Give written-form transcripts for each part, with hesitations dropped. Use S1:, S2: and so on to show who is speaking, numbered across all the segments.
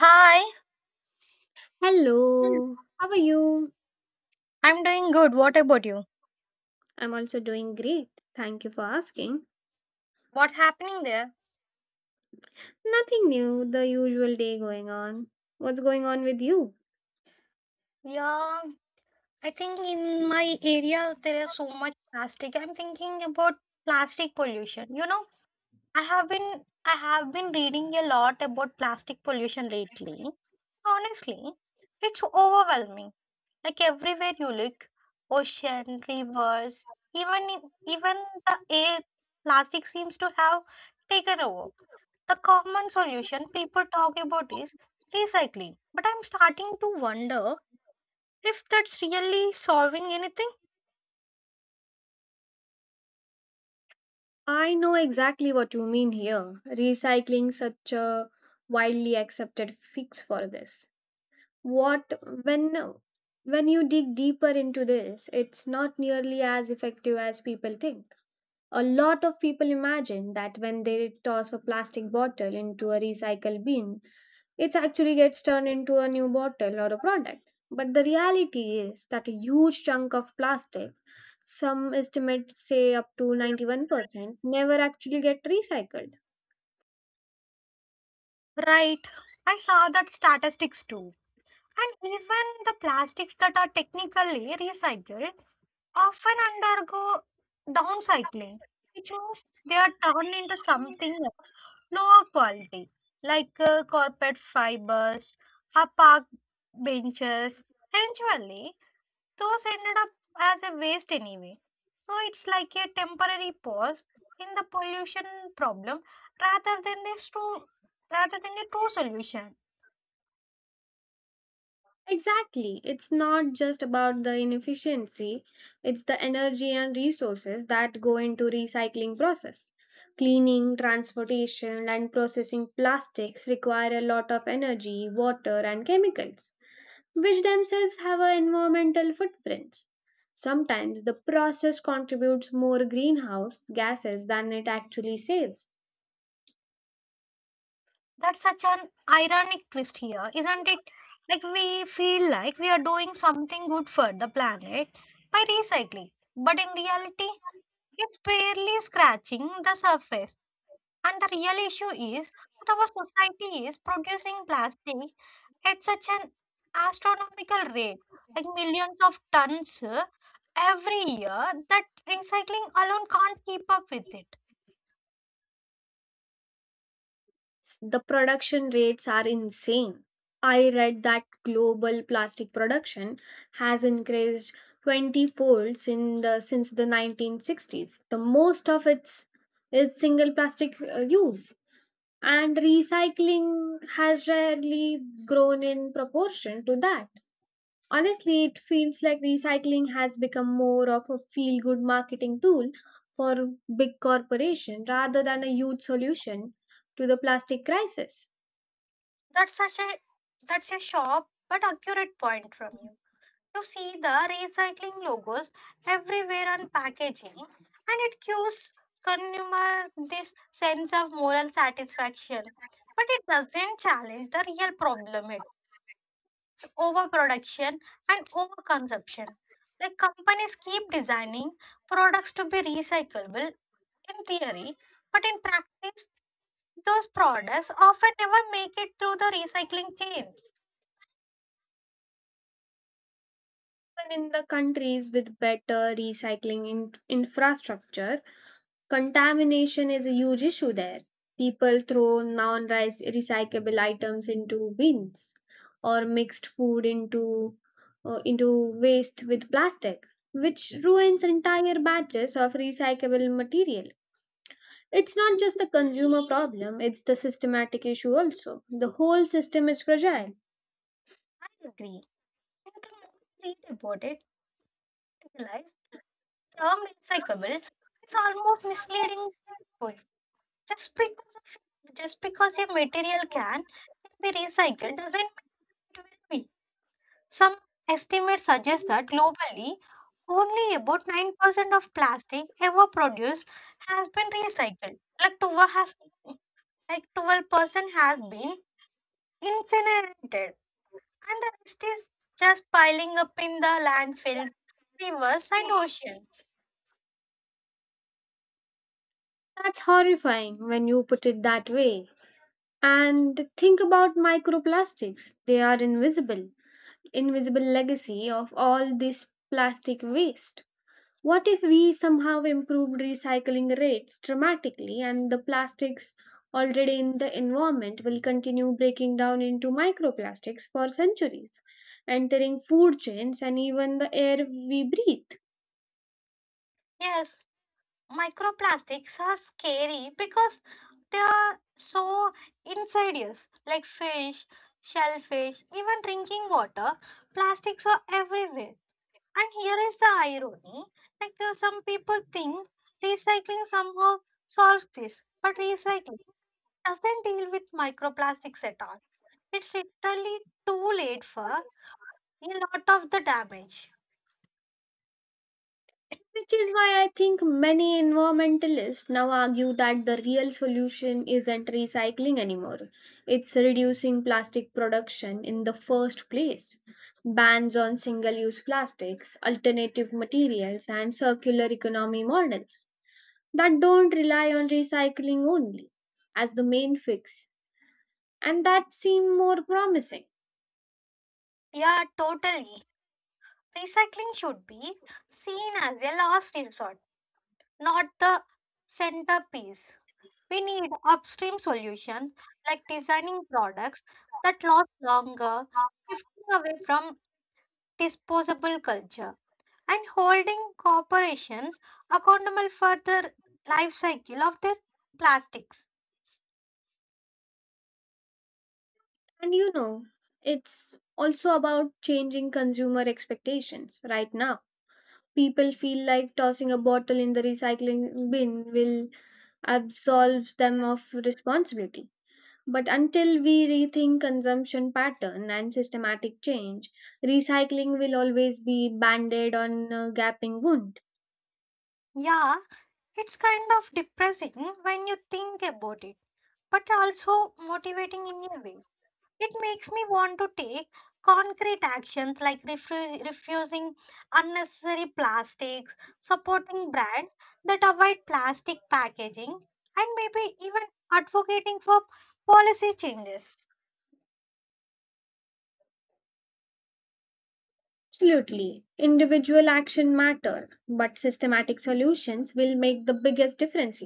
S1: Hi,
S2: Hello, how are you?
S1: I'm doing good. What about you?
S2: I'm also doing great. Thank you for asking.
S1: What's happening there?
S2: Nothing new, the usual day going on. What's going on with you?
S1: Yeah, I think in my area there is so much plastic. I'm thinking about plastic pollution. I have been I have been reading a lot about plastic pollution lately. Honestly, it's overwhelming. Like everywhere you look, ocean, rivers, even in- even the air, plastic seems to have taken over. The common solution people talk about is recycling, but I'm starting to wonder if that's really solving anything.
S2: I know exactly what you mean here. Recycling such a widely accepted fix for this. What when you dig deeper into this, it's not nearly as effective as people think. A lot of people imagine that when they toss a plastic bottle into a recycle bin, it actually gets turned into a new bottle or a product. But the reality is that a huge chunk of plastic, some estimates say up to 91%, never actually get recycled.
S1: Right. I saw that statistics too. And even the plastics that are technically recycled often undergo downcycling, which means they are turned into something of lower quality, like carpet fibers or park benches. Eventually, those ended up as a waste anyway. So it's like a temporary pause in the pollution problem rather than the true rather than a true solution.
S2: Exactly. It's not just about the inefficiency, it's the energy and resources that go into recycling process. Cleaning, transportation and processing plastics require a lot of energy, water and chemicals, which themselves have a environmental footprints. Sometimes the process contributes more greenhouse gases than it actually saves.
S1: That's such an ironic twist here, isn't it? Like we feel like we are doing something good for the planet by recycling. But in reality, it's barely scratching the surface. And the real issue is that our society is producing plastic at such an astronomical rate, like millions of tons every year, that recycling alone can't keep up with it.
S2: The production rates are insane. I read that global plastic production has increased 20 folds in the since the 1960s. The most of its is single plastic use, and recycling has rarely grown in proportion to that. Honestly, it feels like recycling has become more of a feel good marketing tool for big corporation rather than a huge solution to the plastic crisis.
S1: That's such a that's a sharp but accurate point from you. You see the recycling logos everywhere on packaging, and it gives consumer this sense of moral satisfaction. But it doesn't challenge the real problem. It's overproduction and overconsumption. Like companies keep designing products to be recyclable in theory, but in practice, those products often never make it through the recycling chain.
S2: Even in the countries with better recycling infrastructure, contamination is a huge issue there. People throw non recyclable items into bins or mixed food into waste with plastic, which ruins entire batches of recyclable material. It's not just the consumer problem, it's the systematic issue also. The whole system is fragile.
S1: I agree. And the more I read about it, I realize the term recyclable is almost misleading people. Just because your material can be recycled doesn't mean it will be. Some estimates suggest that globally, only about 9% of plastic ever produced has been recycled. Like 12% has been incinerated, and the rest is just piling up in the landfills, rivers, and oceans.
S2: That's horrifying when you put it that way. And think about microplastics. They are invisible, invisible legacy of all this plastic waste? What if we somehow improved recycling rates dramatically and the plastics already in the environment will continue breaking down into microplastics for centuries, entering food chains and even the air we breathe?
S1: Yes, microplastics are scary because they are so insidious, like fish, shellfish, even drinking water. Plastics are everywhere. And here is the irony, like, some people think recycling somehow solves this, but recycling doesn't deal with microplastics at all. It's literally too late for a lot of the damage.
S2: Which is why I think many environmentalists now argue that the real solution isn't recycling anymore. It's reducing plastic production in the first place. Bans on single use plastics, alternative materials, and circular economy models that don't rely on recycling only as the main fix, and that seem more promising.
S1: Yeah, totally. Recycling should be seen as a last resort, not the centerpiece. We need upstream solutions like designing products that last longer, shifting away from disposable culture and holding corporations accountable for the life cycle of their plastics.
S2: And you know, it's also about changing consumer expectations right now. People feel like tossing a bottle in the recycling bin will absolve them of responsibility. But until we rethink consumption pattern and systematic change, recycling will always be banded on a gaping wound.
S1: Yeah, it's kind of depressing when you think about it, but also motivating in a way. It makes me want to take concrete actions like refusing unnecessary plastics, supporting brands that avoid plastic packaging, and maybe even advocating for policy changes.
S2: Absolutely. Individual action matter, but systematic solutions will make the biggest difference.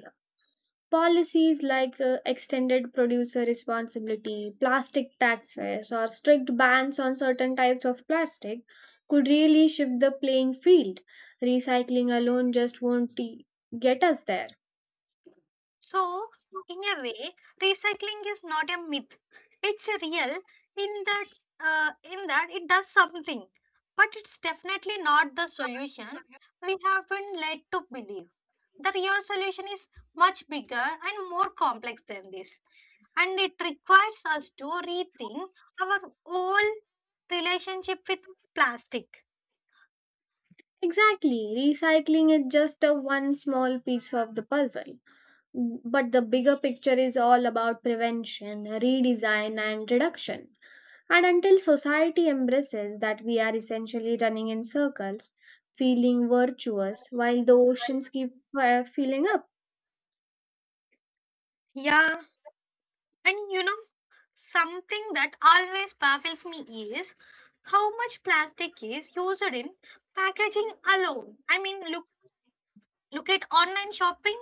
S2: Policies like extended producer responsibility, plastic taxes, or strict bans on certain types of plastic could really shift the playing field. Recycling alone just won't t- get us there.
S1: So, in a way, recycling is not a myth. It's a real in that in that it does something, but it's definitely not the solution we have been led to believe. The real solution is much bigger and more complex than this, and it requires us to rethink our whole relationship with plastic.
S2: Exactly, recycling is just a one small piece of the puzzle. But the bigger picture is all about prevention, redesign, and reduction. And until society embraces that, we are essentially running in circles, feeling virtuous while the oceans keep filling up.
S1: Yeah. And you know, something that always baffles me is how much plastic is used in packaging alone. I mean, look at online shopping.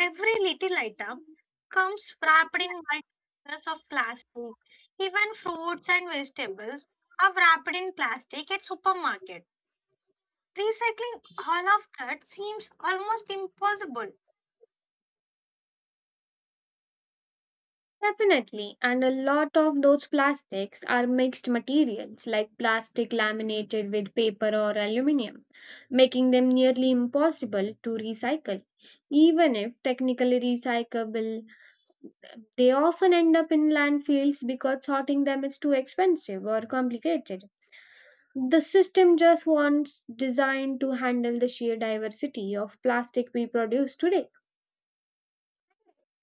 S1: Every little item comes wrapped in multiples of plastic. Even fruits and vegetables are wrapped in plastic at supermarket. Recycling all of that seems almost impossible.
S2: Definitely, and a lot of those plastics are mixed materials like plastic laminated with paper or aluminium, making them nearly impossible to recycle. Even if technically recyclable, they often end up in landfills because sorting them is too expensive or complicated. The system just wants designed to handle the sheer diversity of plastic we produce today.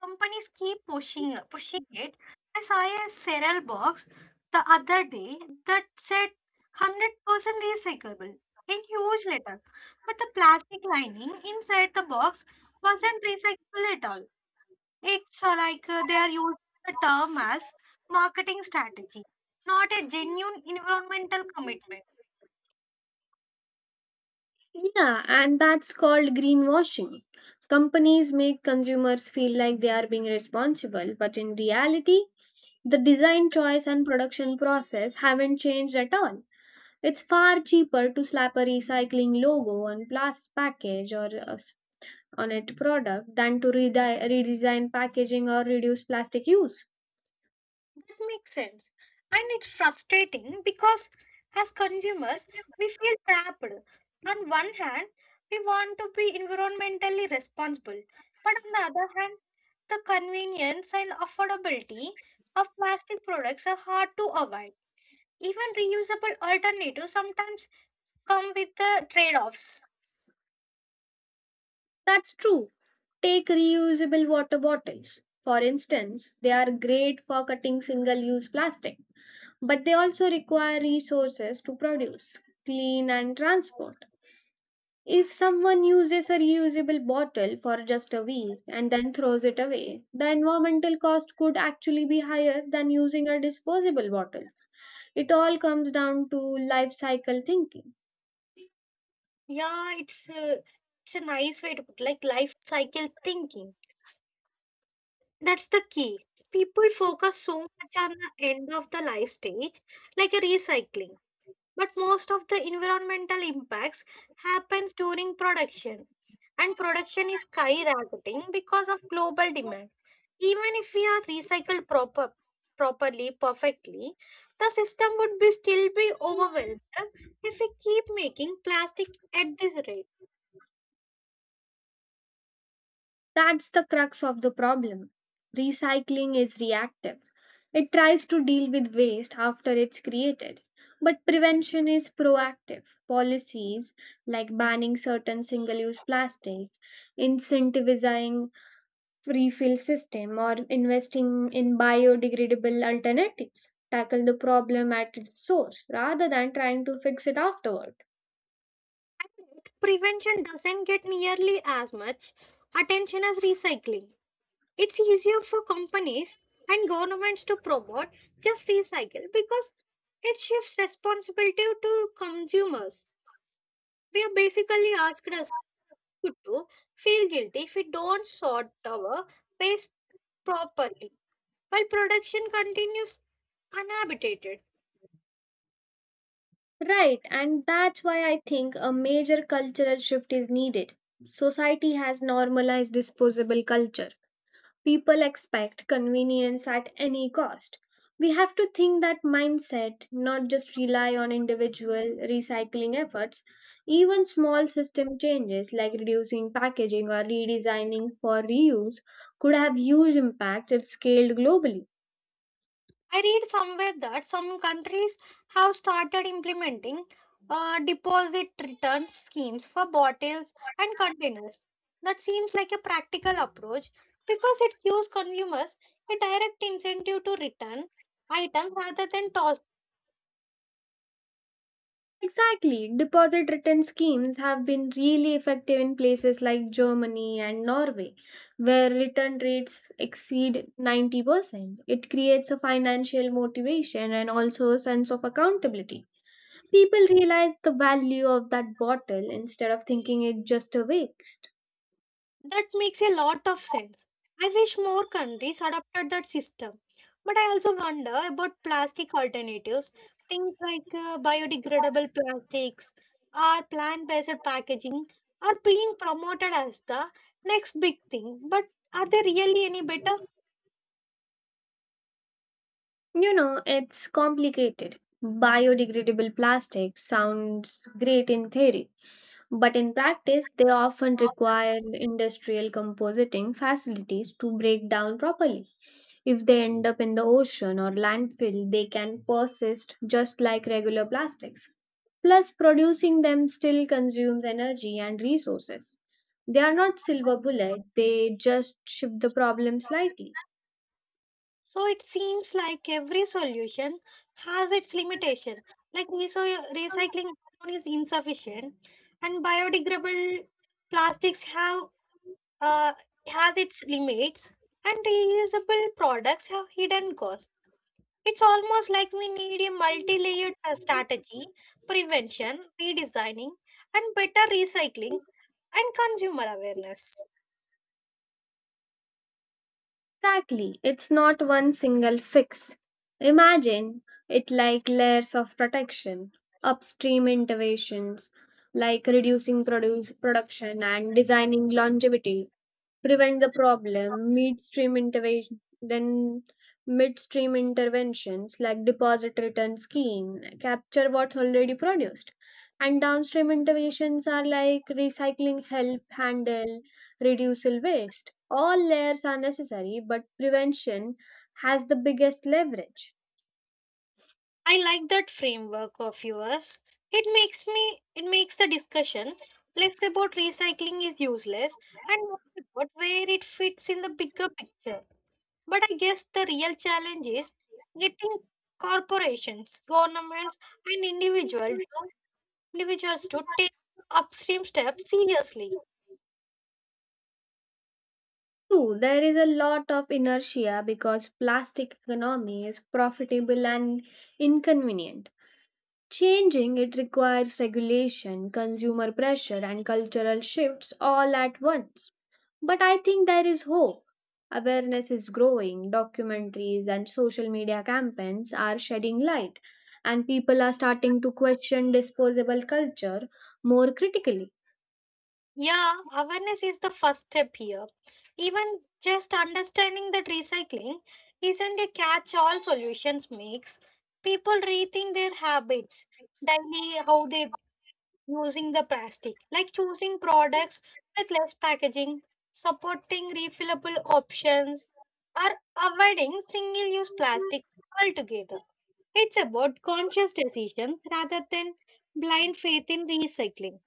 S1: Companies keep pushing it. I saw a cereal box the other day that said 100% recyclable in huge letter, but the plastic lining inside the box wasn't recyclable at all. It's like they are using the term as marketing strategy, not a genuine environmental commitment.
S2: Yeah, and that's called greenwashing. Companies make consumers feel like they are being responsible, but in reality, the design choice and production process haven't changed at all. It's far cheaper to slap a recycling logo on plastic package or a on it product than to redesign packaging or reduce plastic use.
S1: That makes sense. And it's frustrating because as consumers, we feel trapped. On one hand, we want to be environmentally responsible, but on the other hand, the convenience and affordability of plastic products are hard to avoid. Even reusable alternatives sometimes come with the trade offs.
S2: That's true. Take reusable water bottles. For instance, they are great for cutting single use plastic, but they also require resources to produce, clean, and transport. If someone uses a reusable bottle for just a week and then throws it away, the environmental cost could actually be higher than using a disposable bottle. It all comes down to life cycle thinking.
S1: Yeah, it's a nice way to put like life cycle thinking. That's the key. People focus so much on the end of the life stage, like a recycling, but most of the environmental impacts happens during production, and production is skyrocketing because of global demand. Even if we are properly, perfectly, the system would be still be overwhelmed if we keep making plastic at this rate.
S2: That's the crux of the problem. Recycling is reactive. It tries to deal with waste after it's created. But prevention is proactive. Policies like banning certain single use plastic, incentivizing refill system, or investing in biodegradable alternatives tackle the problem at its source rather than trying to fix it afterwards.
S1: Prevention doesn't get nearly as much attention as recycling. It's easier for companies and governments to promote just recycle because it shifts responsibility to consumers. We are basically asked us to feel guilty if we don't sort our waste properly, while production continues uninhibited.
S2: Right, and that's why I think a major cultural shift is needed. Society has normalized disposable culture. People expect convenience at any cost. We have to think that mindset, not just rely on individual recycling efforts. Even small system changes like reducing packaging or redesigning for reuse could have huge impact if scaled globally.
S1: I read somewhere that some countries have started implementing deposit return schemes for bottles and containers. That seems like a practical approach because it gives consumers a direct incentive to return items rather than toss.
S2: Exactly. Deposit return schemes have been really effective in places like Germany and Norway, where return rates exceed 90%. It creates a financial motivation and also a sense of accountability. People realize the value of that bottle instead of thinking it just a waste.
S1: That makes a lot of sense. I wish more countries adopted that system. But I also wonder about plastic alternatives. Things like biodegradable plastics or plant based packaging are being promoted as the next big thing. But are they really any better?
S2: You know, it's complicated. Biodegradable plastic sounds great in theory, but in practice, they often require industrial compositing facilities to break down properly. If they end up in the ocean or landfill, they can persist just like regular plastics. Plus, producing them still consumes energy and resources. They are not silver bullet, they just shift the problem slightly.
S1: So it seems like every solution has its limitation. Like recycling alone is insufficient, and biodegradable plastics have uh, has its limits, and reusable products have hidden costs. It's almost like we need a multi layered strategy prevention, redesigning, and better recycling and consumer awareness.
S2: Exactly, it's not one single fix. Imagine it like layers of protection, upstream interventions like reducing production and designing longevity prevent the problem, midstream interventions like deposit return scheme capture what's already produced, and downstream interventions are like recycling help handle reduce waste, all layers are necessary but prevention has the biggest leverage.
S1: I like that framework of yours. It makes the discussion less about recycling is useless and more about where it fits in the bigger picture. But I guess the real challenge is getting corporations, governments, and individuals to take upstream steps seriously.
S2: True, there is a lot of inertia because plastic economy is profitable and inconvenient. Changing it requires regulation, consumer pressure, and cultural shifts all at once. But I think there is hope. Awareness is growing, documentaries and social media campaigns are shedding light, and people are starting to question disposable culture more critically.
S1: Yeah, awareness is the first step here. Even just understanding that recycling isn't a catch all solutions makes people rethink their habits, daily how they using the plastic, like choosing products with less packaging, supporting refillable options, or avoiding single use
S2: Thank
S1: plastics altogether. It's about conscious decisions rather than
S2: you.
S1: blind faith in recycling.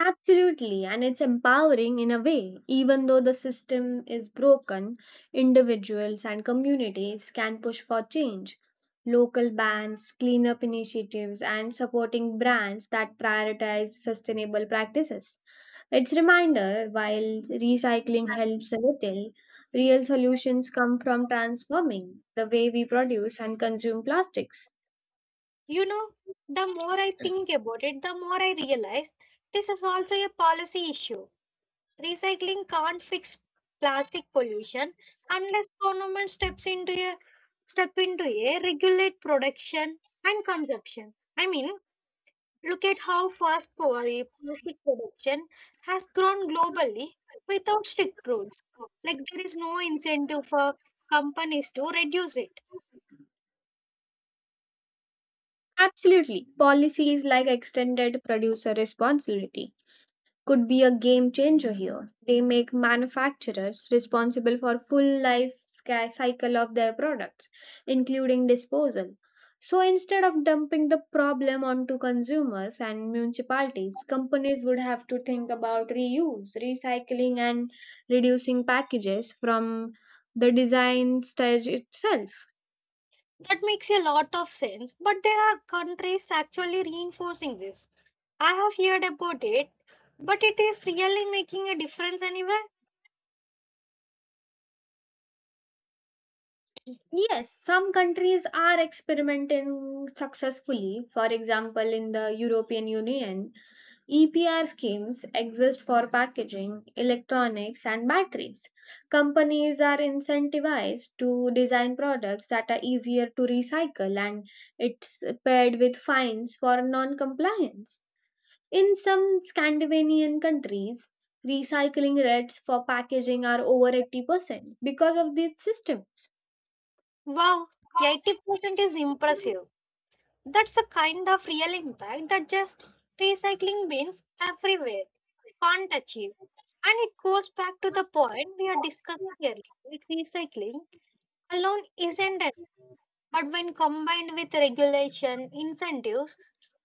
S2: Absolutely, and it's empowering in a way. Even though the system is broken, individuals and communities can push for change. Local bans, cleanup initiatives, and supporting brands that prioritize sustainable practices. It's reminder while recycling helps a little, real solutions come from transforming the way we produce and consume plastics.
S1: You know, the more I think about it, the more I realize this is also a policy issue. Recycling can't fix plastic pollution unless government steps into a regulate production and consumption. I mean, look at how fast plastic production has grown globally without strict rules. Like there is no incentive for companies to reduce it.
S2: Absolutely. Policies like extended producer responsibility could be a game changer here. They make manufacturers responsible for full life cycle of their products, including disposal. So instead of dumping the problem onto consumers and municipalities, companies would have to think about reuse, recycling, and reducing packages from the design stage itself.
S1: That makes a lot of sense. But there are countries actually reinforcing this. I have heard about it, but it is really making a difference anywhere.
S2: Yes, some countries are experimenting successfully. For example, in the European Union, EPR schemes exist for packaging, electronics, and batteries. Companies are incentivized to design products that are easier to recycle, and it's paired with fines for non compliance. In some Scandinavian countries, recycling rates for packaging are over 80% because of these systems.
S1: Wow, 80% is impressive. That's a kind of real impact that just recycling bins everywhere can't achieve. And it goes back to the point we are discussing earlier. With recycling alone isn't it, but when combined with regulation, incentives,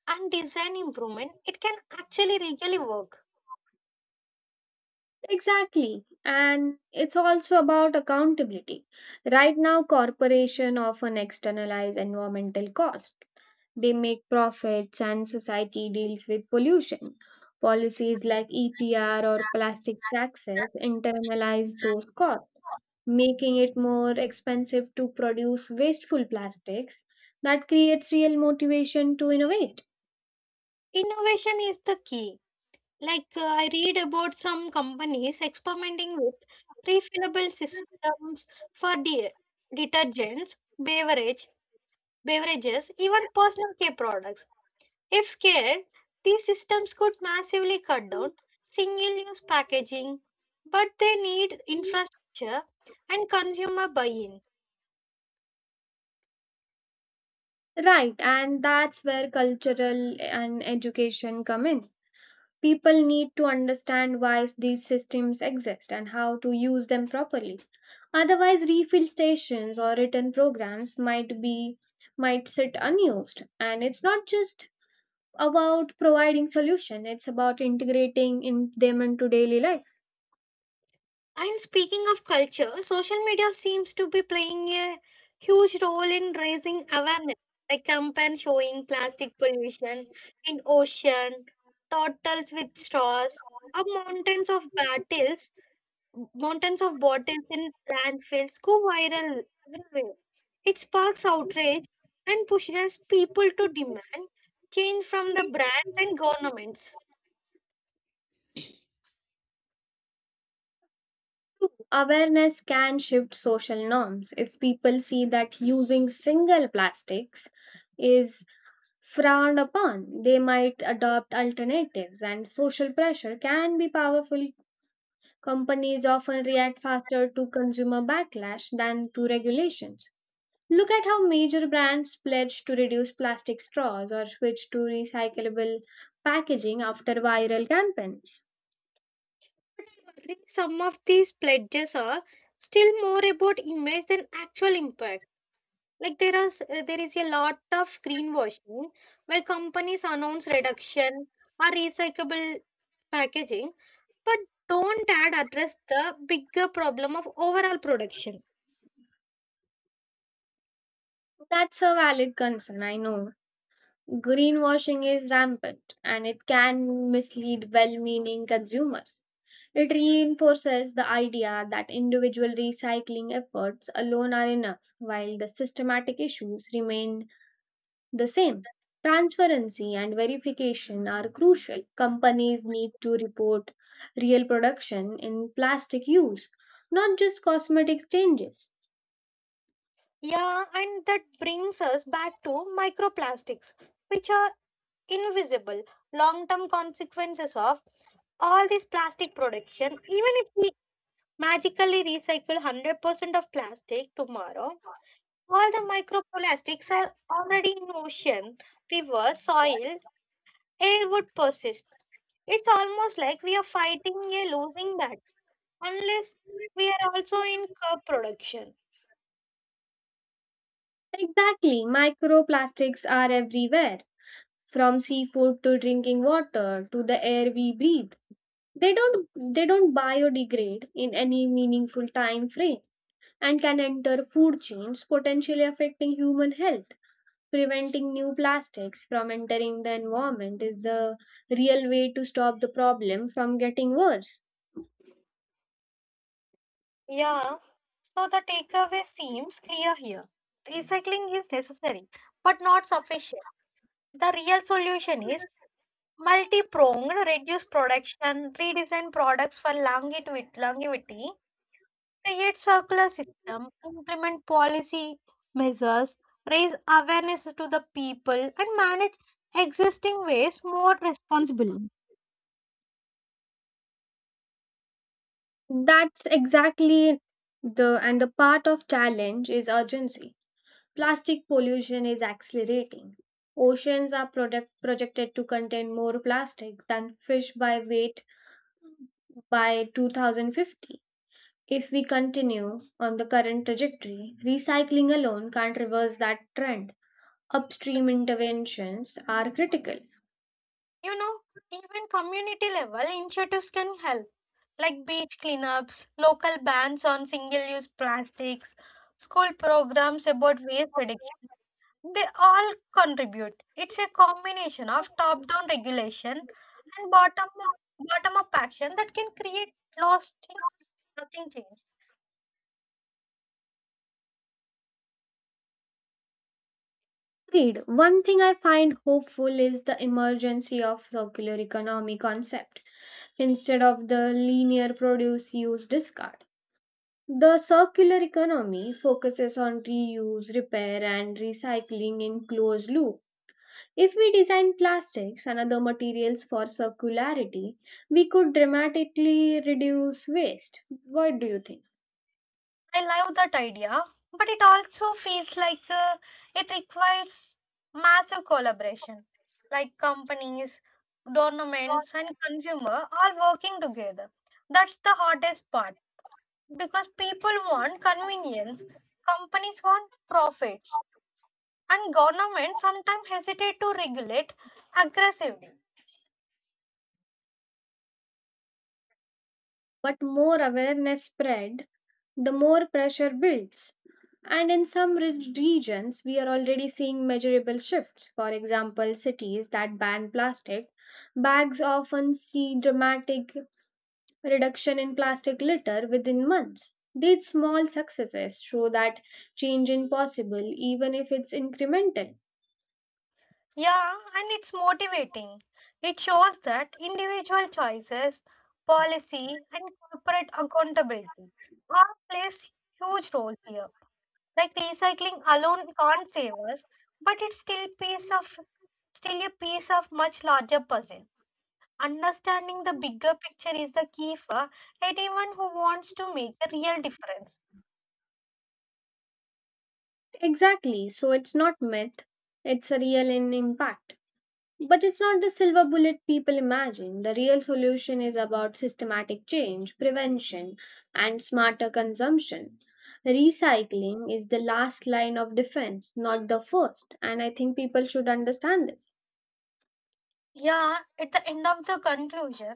S1: and design improvement, it can actually really work.
S2: Exactly. And it's also about accountability. Right now, corporation often externalize environmental cost. They make profits and society deals with pollution. Policies like EPR or plastic taxes internalize those costs, making it more expensive to produce wasteful plastics. That creates real motivation to innovate.
S1: Innovation is the key. Like I read about some companies experimenting with refillable systems for detergents, beverages, even personal care products. If scaled, these systems could massively cut down single-use packaging, but they need infrastructure and consumer buy-in.
S2: Right, and that's where cultural and education come in. People need to understand why these systems exist and how to use them properly. Otherwise, refill stations or return programs might be might sit unused. And it's not just about providing solution, it's about integrating in them into daily life.
S1: And speaking of culture, social media seems to be playing a huge role in raising awareness, like campaign showing plastic pollution in ocean, turtles with straws, or mountains of bottles in landfills go viral everywhere. It sparks outrage and pushes people to demand change from the brands and governments.
S2: Awareness can shift social norms. If people see that using single plastics is frowned upon, they might adopt alternatives, and social pressure can be powerful. Companies often react faster to consumer backlash than to regulations. Look at how major brands pledge to reduce plastic straws or switch to recyclable packaging after viral campaigns.
S1: Unfortunately, some of these pledges are still more about image than actual impact. Like there is a lot of greenwashing where companies announce reduction or recyclable packaging, but don't address the bigger problem of overall production.
S2: That's a valid concern, I know. Greenwashing is rampant and it can mislead well meaning consumers. It reinforces the idea that individual recycling efforts alone are enough, while the systematic issues remain the same. Transparency and verification are crucial. Companies need to report real production in plastic use, not just cosmetic changes.
S1: Yeah, and that brings us back to microplastics, which are invisible long-term consequences of all this plastic production, even if we magically recycle 100% of plastic tomorrow, all the microplastics are already in ocean, river, soil, air would persist. It's almost like we are fighting a losing battle unless we are also in curb production.
S2: Exactly, microplastics are everywhere, from seafood to drinking water to the air we breathe. They don't they don't biodegrade in any meaningful time frame and can enter food chains, potentially affecting human health. Preventing new plastics from entering the environment is the real way to stop the problem from getting worse.
S1: Yeah, so the takeaway seems clear here. Recycling is necessary but not sufficient. The real solution is multi-pronged, reduce production, redesign products for longevity, create circular system, implement policy measures, raise awareness to the people, and manage existing waste more responsibly.
S2: That's exactly the, and the part of challenge is urgency. Plastic pollution is accelerating. Oceans are product, projected to contain more plastic than fish by weight by 2050. If we continue on the current trajectory, recycling alone can't reverse that trend. Upstream interventions are critical.
S1: You know, even community level initiatives can help, like beach cleanups, local bans on single use plastics, school programs about waste reduction. They all contribute. It's a combination of top down regulation and bottom up action that can create lasting. Nothing changed.
S2: Agreed. One thing I find hopeful is the emergence of circular economy concept instead of the linear produce use discard. The circular economy focuses on reuse, repair and recycling in closed loop. If we design plastics and other materials for circularity, we could dramatically reduce waste. What do you think?
S1: I love that idea, but it also feels like it requires massive collaboration, like companies, governments, and consumer all working together. That's the hardest part because people want convenience, companies want profits, and governments sometimes hesitate to regulate aggressively.
S2: But more awareness spread, the more pressure builds. And in some rich regions, we are already seeing measurable shifts. For example, cities that ban plastic bags often see dramatic reduction in plastic litter within months. These small successes show that change is possible even if it's incremental.
S1: Yeah, and it's motivating. It shows that individual choices, policy, and corporate accountability all plays huge roles here. Like recycling alone can't save us, but it's still a piece of much larger puzzle. Understanding the bigger picture is the key for anyone who wants to make a real difference.
S2: Exactly, so it's not myth, it's a real in impact. But it's not the silver bullet people imagine. The real solution is about systematic change, prevention, and smarter consumption. Recycling is the last line of defense, not the first, and I think people should understand this.
S1: Yeah, at the end of the conclusion,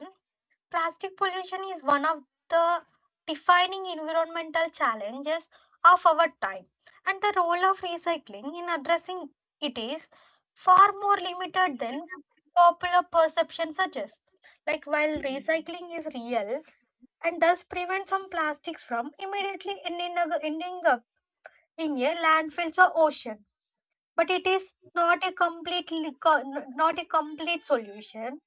S1: plastic pollution is one of the defining environmental challenges of our time, and the role of recycling in addressing it is far more limited than popular perception suggests. Like, while recycling is real and does prevent some plastics from immediately ending up in a landfills or ocean, but it is not a complete solution.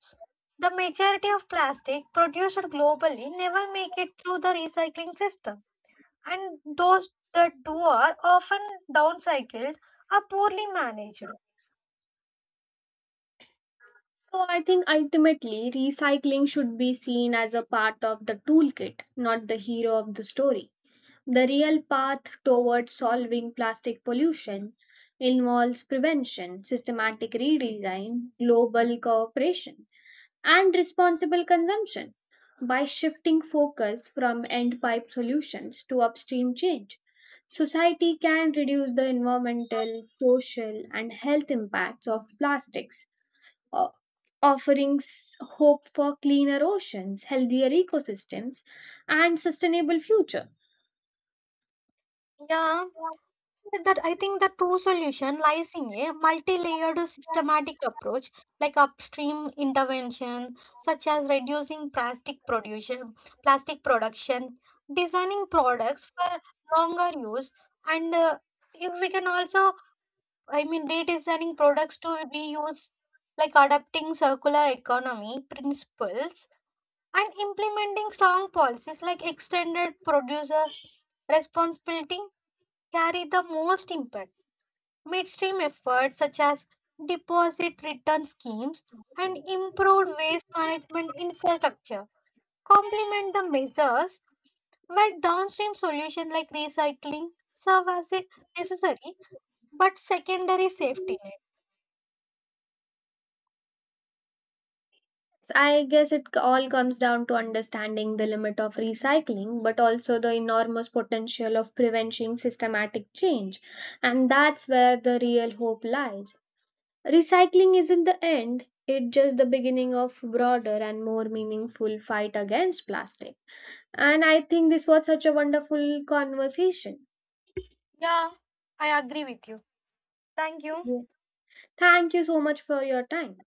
S1: The majority of plastic produced globally never make it through the recycling system, and those that do are often downcycled or poorly managed.
S2: So I think ultimately recycling should be seen as a part of the toolkit, not the hero of the story. The real path towards solving plastic pollution involves prevention, systematic redesign, global cooperation, and responsible consumption. By shifting focus from end pipe solutions to upstream change, society can reduce the environmental, social, and health impacts of plastics, uh, offering hope for cleaner oceans, healthier ecosystems, and sustainable future.
S1: Yeah, that I think the true solution lies in a multi-layered systematic approach, like upstream intervention, such as reducing plastic production, designing products for longer use, and if we can also, I mean, redesigning products to reuse, like adapting circular economy principles and implementing strong policies like extended producer responsibility carry the most impact. Midstream efforts such as deposit return schemes and improved waste management infrastructure complement the measures while downstream solutions like recycling serve as a necessary but secondary safety net.
S2: So I guess it all comes down to understanding the limit of recycling, but also the enormous potential of preventing systematic change. And that's where the real hope lies. Recycling isn't the end, it's just the beginning of broader and more meaningful fight against plastic. And I think this was such a wonderful conversation.
S1: Yeah, I agree with you. Thank you.
S2: Thank you so much for your time.